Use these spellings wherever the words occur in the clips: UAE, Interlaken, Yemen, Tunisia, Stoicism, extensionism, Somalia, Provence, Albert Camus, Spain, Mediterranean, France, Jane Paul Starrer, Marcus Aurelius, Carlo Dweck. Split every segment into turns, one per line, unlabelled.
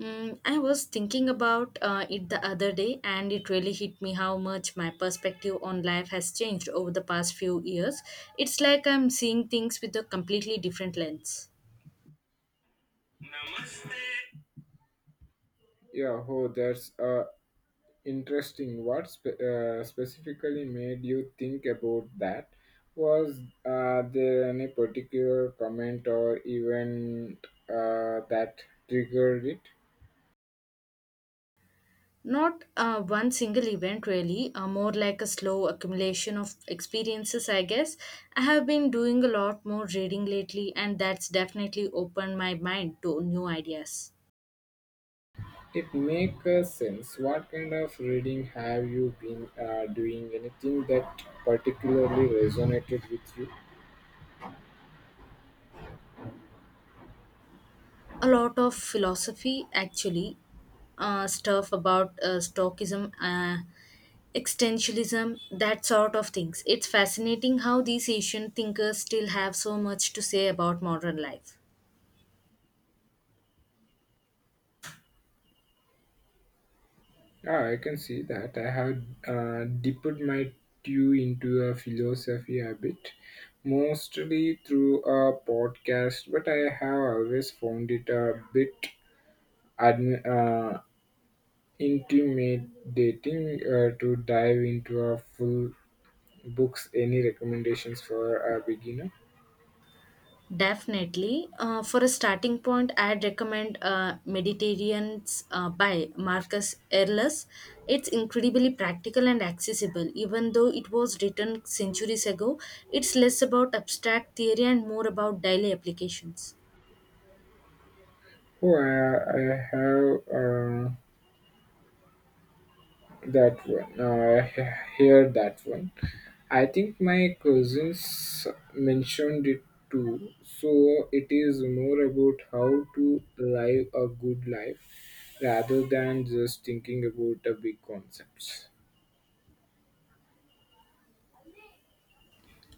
Mm, I was thinking about it the other day, and it really hit me how much my perspective on life has changed over the past few years. It's like I'm seeing things with a completely different lens.
Yeah, oh, that's interesting. What specifically made you think about that? Was there any particular comment or event that triggered it?
Not one single event, really, more like a slow accumulation of experiences, I guess. I have been doing a lot more reading lately, and that's definitely opened my mind to new ideas.
It makes sense. What kind of reading have you been doing? Anything that particularly resonated with you?
A lot of philosophy, actually, stuff about Stoicism. Extensionism, that sort of things. It's fascinating how these ancient thinkers still have so much to say about modern life.
Ah, I can see that. I have dipped my toe into a philosophy a bit, mostly through a podcast, but I have always found it a bit admi- uh, intimidating to dive into a full books. Any recommendations for a beginner?
Definitely. For a starting point, I'd recommend Mediterranean's by Marcus Aurelius. It's incredibly practical and accessible. Even though it was written centuries ago, it's less about abstract theory and more about daily applications.
Oh, I have uh, that one. I hear that one. I think my cousins mentioned it too. So it is more about how to live a good life rather than just thinking about the big concepts.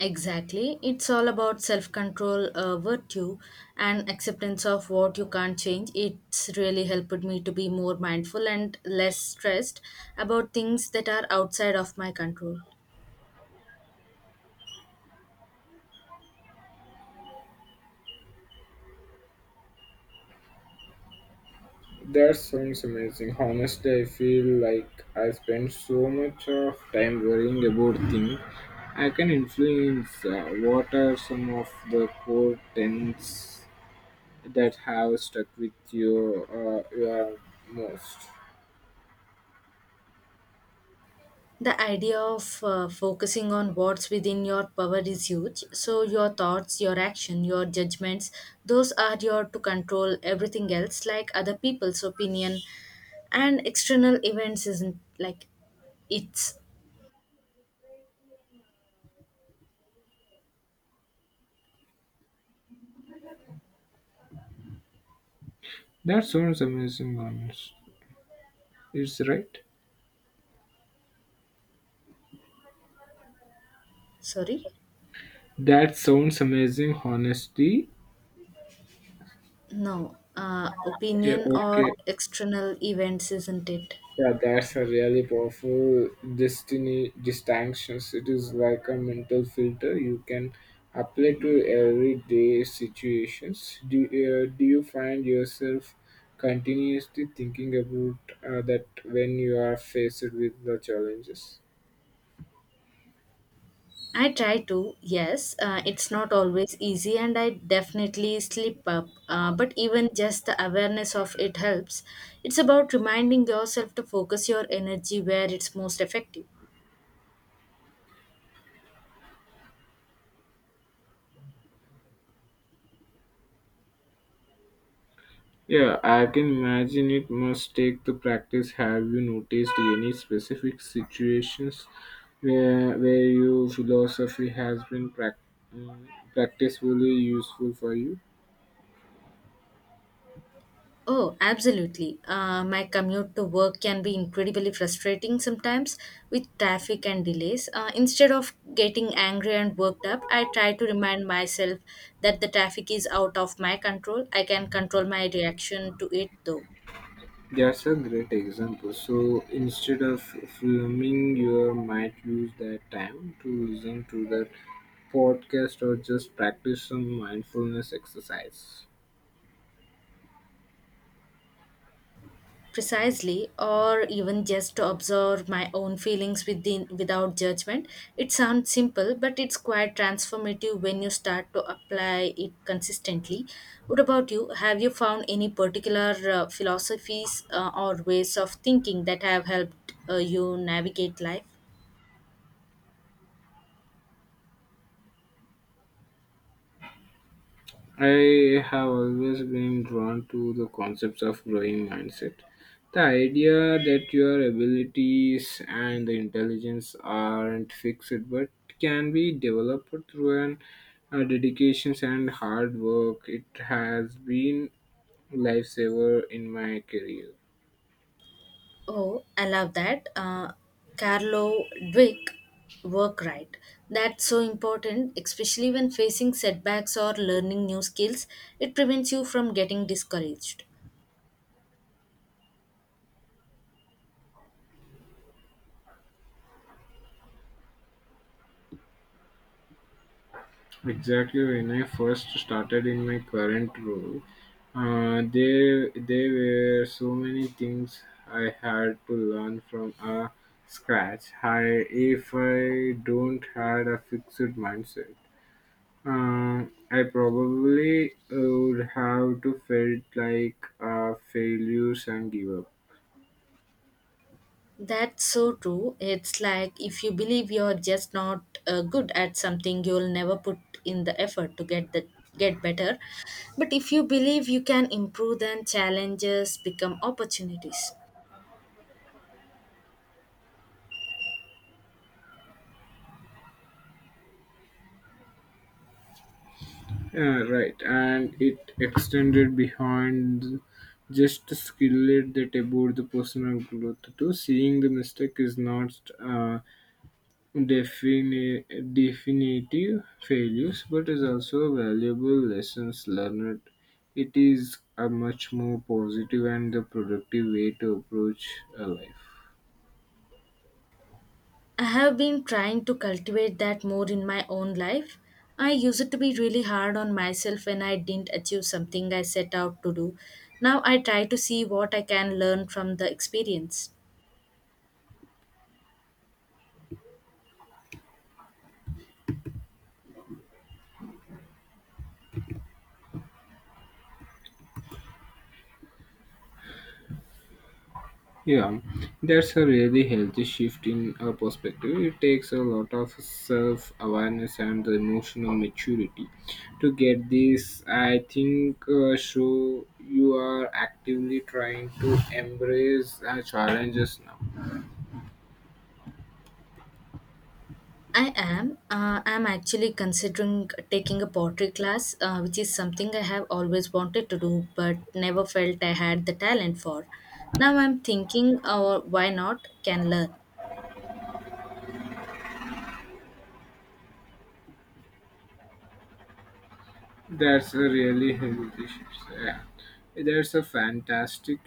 Exactly. It's all about self control, virtue, and acceptance of what you can't change. It's really helped me to be more mindful and less stressed about things that are outside of my control.
That sounds amazing. Honestly, I feel like I spend so much of time worrying about things I can influence. What are some of the core tenets that have stuck with you you are most?
The idea of focusing on what's within your power is huge. So, your thoughts, your action, your judgments, those are your to control everything else, like other people's opinion and external events, isn't like it's
That sounds amazing, honest. It's right.
sorry.
That sounds amazing, honesty.
No,
Yeah,
opinion
okay.
or external events, isn't it?
Yeah, that's a really powerful destiny distinctions. It is like a mental filter you can apply to everyday situations. Do you find yourself continuously thinking about that when you are faced with the challenges?
I try to, yes. It's not always easy, and I definitely slip up. But even just the awareness of it helps. It's about reminding yourself to focus your energy where it's most effective.
Yeah, I can imagine it must take the practice. Have you noticed any specific situations where your philosophy has been mm, practically useful for you?
Oh, absolutely. My commute to work can be incredibly frustrating sometimes with traffic and delays. Instead of getting angry and worked up, I try to remind myself that the traffic is out of my control. I can control my reaction to it though.
That's a great example. So instead of filming, you might use that time to listen to the podcast or just practice some mindfulness exercise.
Precisely, or even just to observe my own feelings within without judgment. It sounds simple, but it's quite transformative when you start to apply it consistently. What about you? Have you found any particular philosophies or ways of thinking that have helped you navigate life?
I have always been drawn to the concepts of growing mindset. The idea that your abilities and the intelligence aren't fixed but can be developed through dedication and hard work. It has been lifesaver in my career.
Oh, I love that. Carlo Dweck work, right. That's so important, especially when facing setbacks or learning new skills. It prevents you from getting discouraged.
Exactly when I first started in my current role, there were so many things I had to learn from scratch. I, if I don't had a fixed mindset, uh, I probably would have to felt like a failures and give up.
That's so true. It's like if you believe you're just not good at something, you'll never put in the effort to get better. But if you believe you can improve, then challenges become opportunities.
Yeah, right. And it extended behind just to skill it that about the personal growth too. Seeing the mistake is not defini- definitive failures, but is also valuable lessons learned. It is a much more positive and the productive way to approach a life.
I have been trying to cultivate that more in my own life. I used to be really hard on myself when I didn't achieve something I set out to do. Now I try to see what I can learn from the experience.
Yeah, that's a really healthy shift in a perspective. It takes a lot of self awareness and the emotional maturity to get this. I think so. You are actively trying to embrace challenges now.
I am. I'm actually considering taking a pottery class, which is something I have always wanted to do but never felt I had the talent for. Now I'm thinking, or why not? Can learn.
That's a really heavy dish. Yeah. That's a fantastic.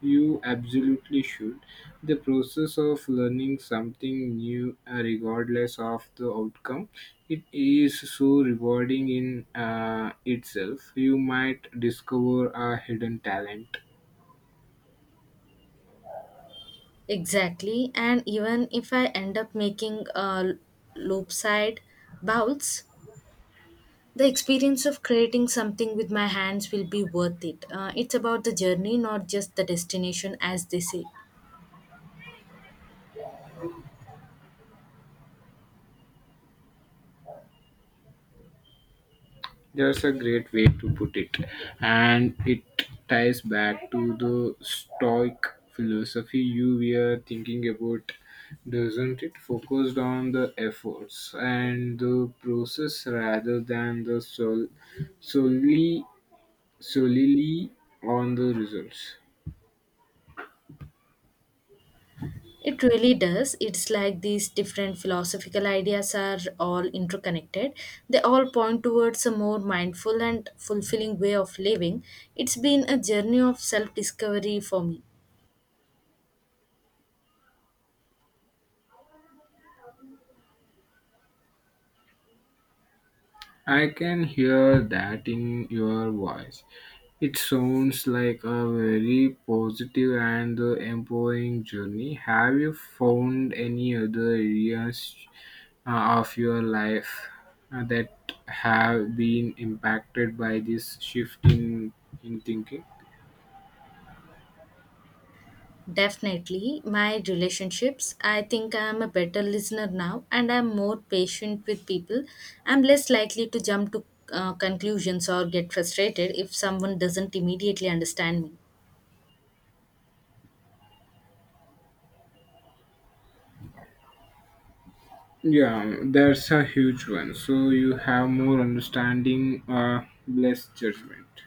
You absolutely should. The process of learning something new, regardless of the outcome, it is so rewarding in itself. You might discover a hidden talent.
Exactly, and even if I end up making loopside bowls, the experience of creating something with my hands will be worth it. It's about the journey, not just the destination, as they say.
That's a great way to put it, and it ties back to the Stoic philosophy you were thinking about, doesn't it? Focused on the efforts and the process rather than the solely solely on the results.
It really does. It's like these different philosophical ideas are all interconnected. They all point towards a more mindful and fulfilling way of living. It's been a journey of self discovery for me.
I can hear that in your voice. It sounds like a very positive and empowering journey. Have you found any other areas of your life that have been impacted by this shift in thinking?
Definitely, my relationships. I think I am a better listener now and I'm more patient with people. I'm less likely to jump to conclusions or get frustrated if someone doesn't immediately understand me.
Yeah, that's a huge one. So you have more understanding, less judgment.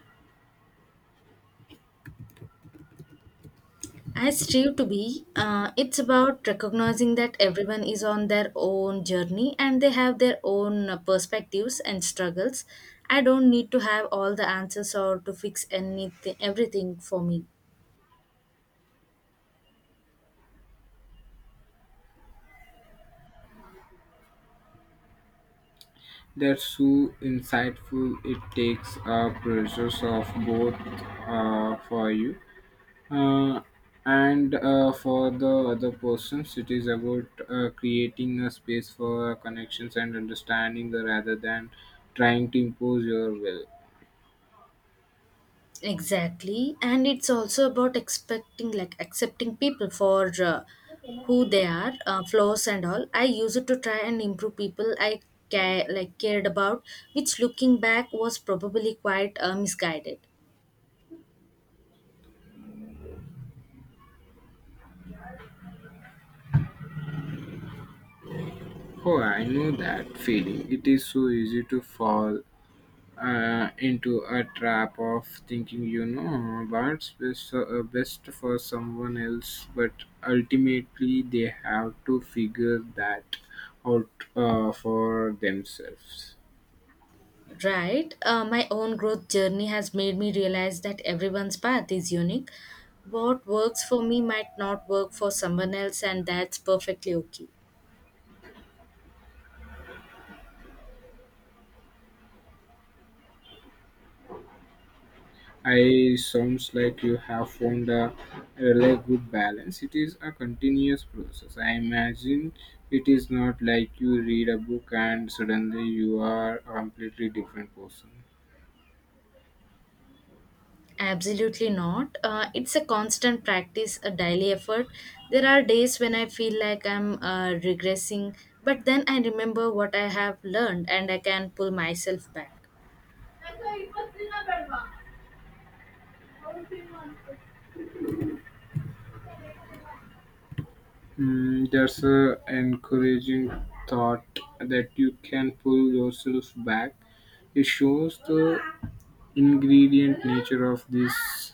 I strive to be. It's about recognizing that everyone is on their own journey and they have their own perspectives and struggles. I don't need to have all the answers or to fix anything, everything for me.
That's so insightful. It takes a process of both for you uh, and for the other persons. It is about creating a space for connections and understanding the, rather than trying to impose your will.
Exactly, and it's also about expecting, like accepting people for who they are, flaws and all. I used to try and improve people I care, like cared about, which looking back was probably quite misguided.
Oh, I know that feeling. It is so easy to fall into a trap of thinking you know what's best, for someone else but ultimately they have to figure that out for themselves.
Right, my own growth journey has made me realize that everyone's path is unique. What works for me might not work for someone else, and that's perfectly okay.
I sounds like you have found a really good balance. It is a continuous process, I imagine. It is not like you read a book and suddenly you are a completely different person.
Absolutely not. It's a constant practice, a daily effort. There are days when I feel like I'm regressing, but then I remember what I have learned and I can pull myself back.
Mm, that's a encouraging thought that you can pull yourself back. It shows the ingredient nature of this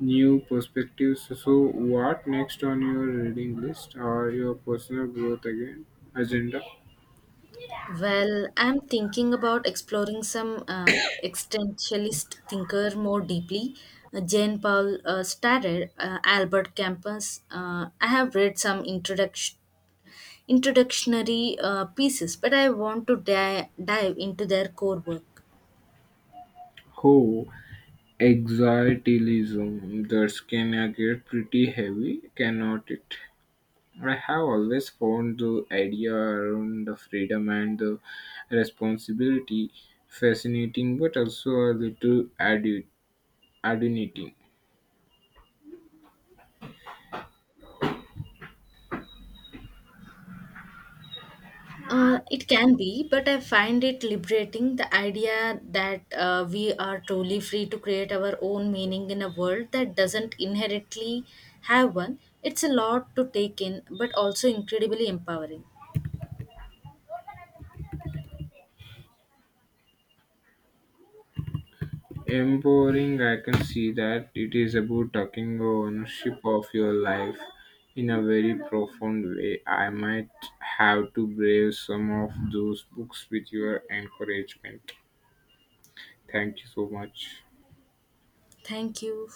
new perspective. So what next on your reading list or your personal growth again agenda?
Well, I'm thinking about exploring some existentialist thinker more deeply. Jane Paul Starrer, Albert Campus. I have read some introductionary pieces, but I want to dive into their core work.
Oh, anxietyism. That's can get pretty heavy, cannot it? I have always found the idea around the freedom and the responsibility fascinating but also a little adunity.
It can be, but I find it liberating, the idea that we are truly free to create our own meaning in a world that doesn't inherently have one. It's a lot to take in, but also incredibly empowering.
Empowering, I can see that it is about taking ownership of your life in a very profound way. I might have to brave some of those books with your encouragement. Thank you so much.
Thank you.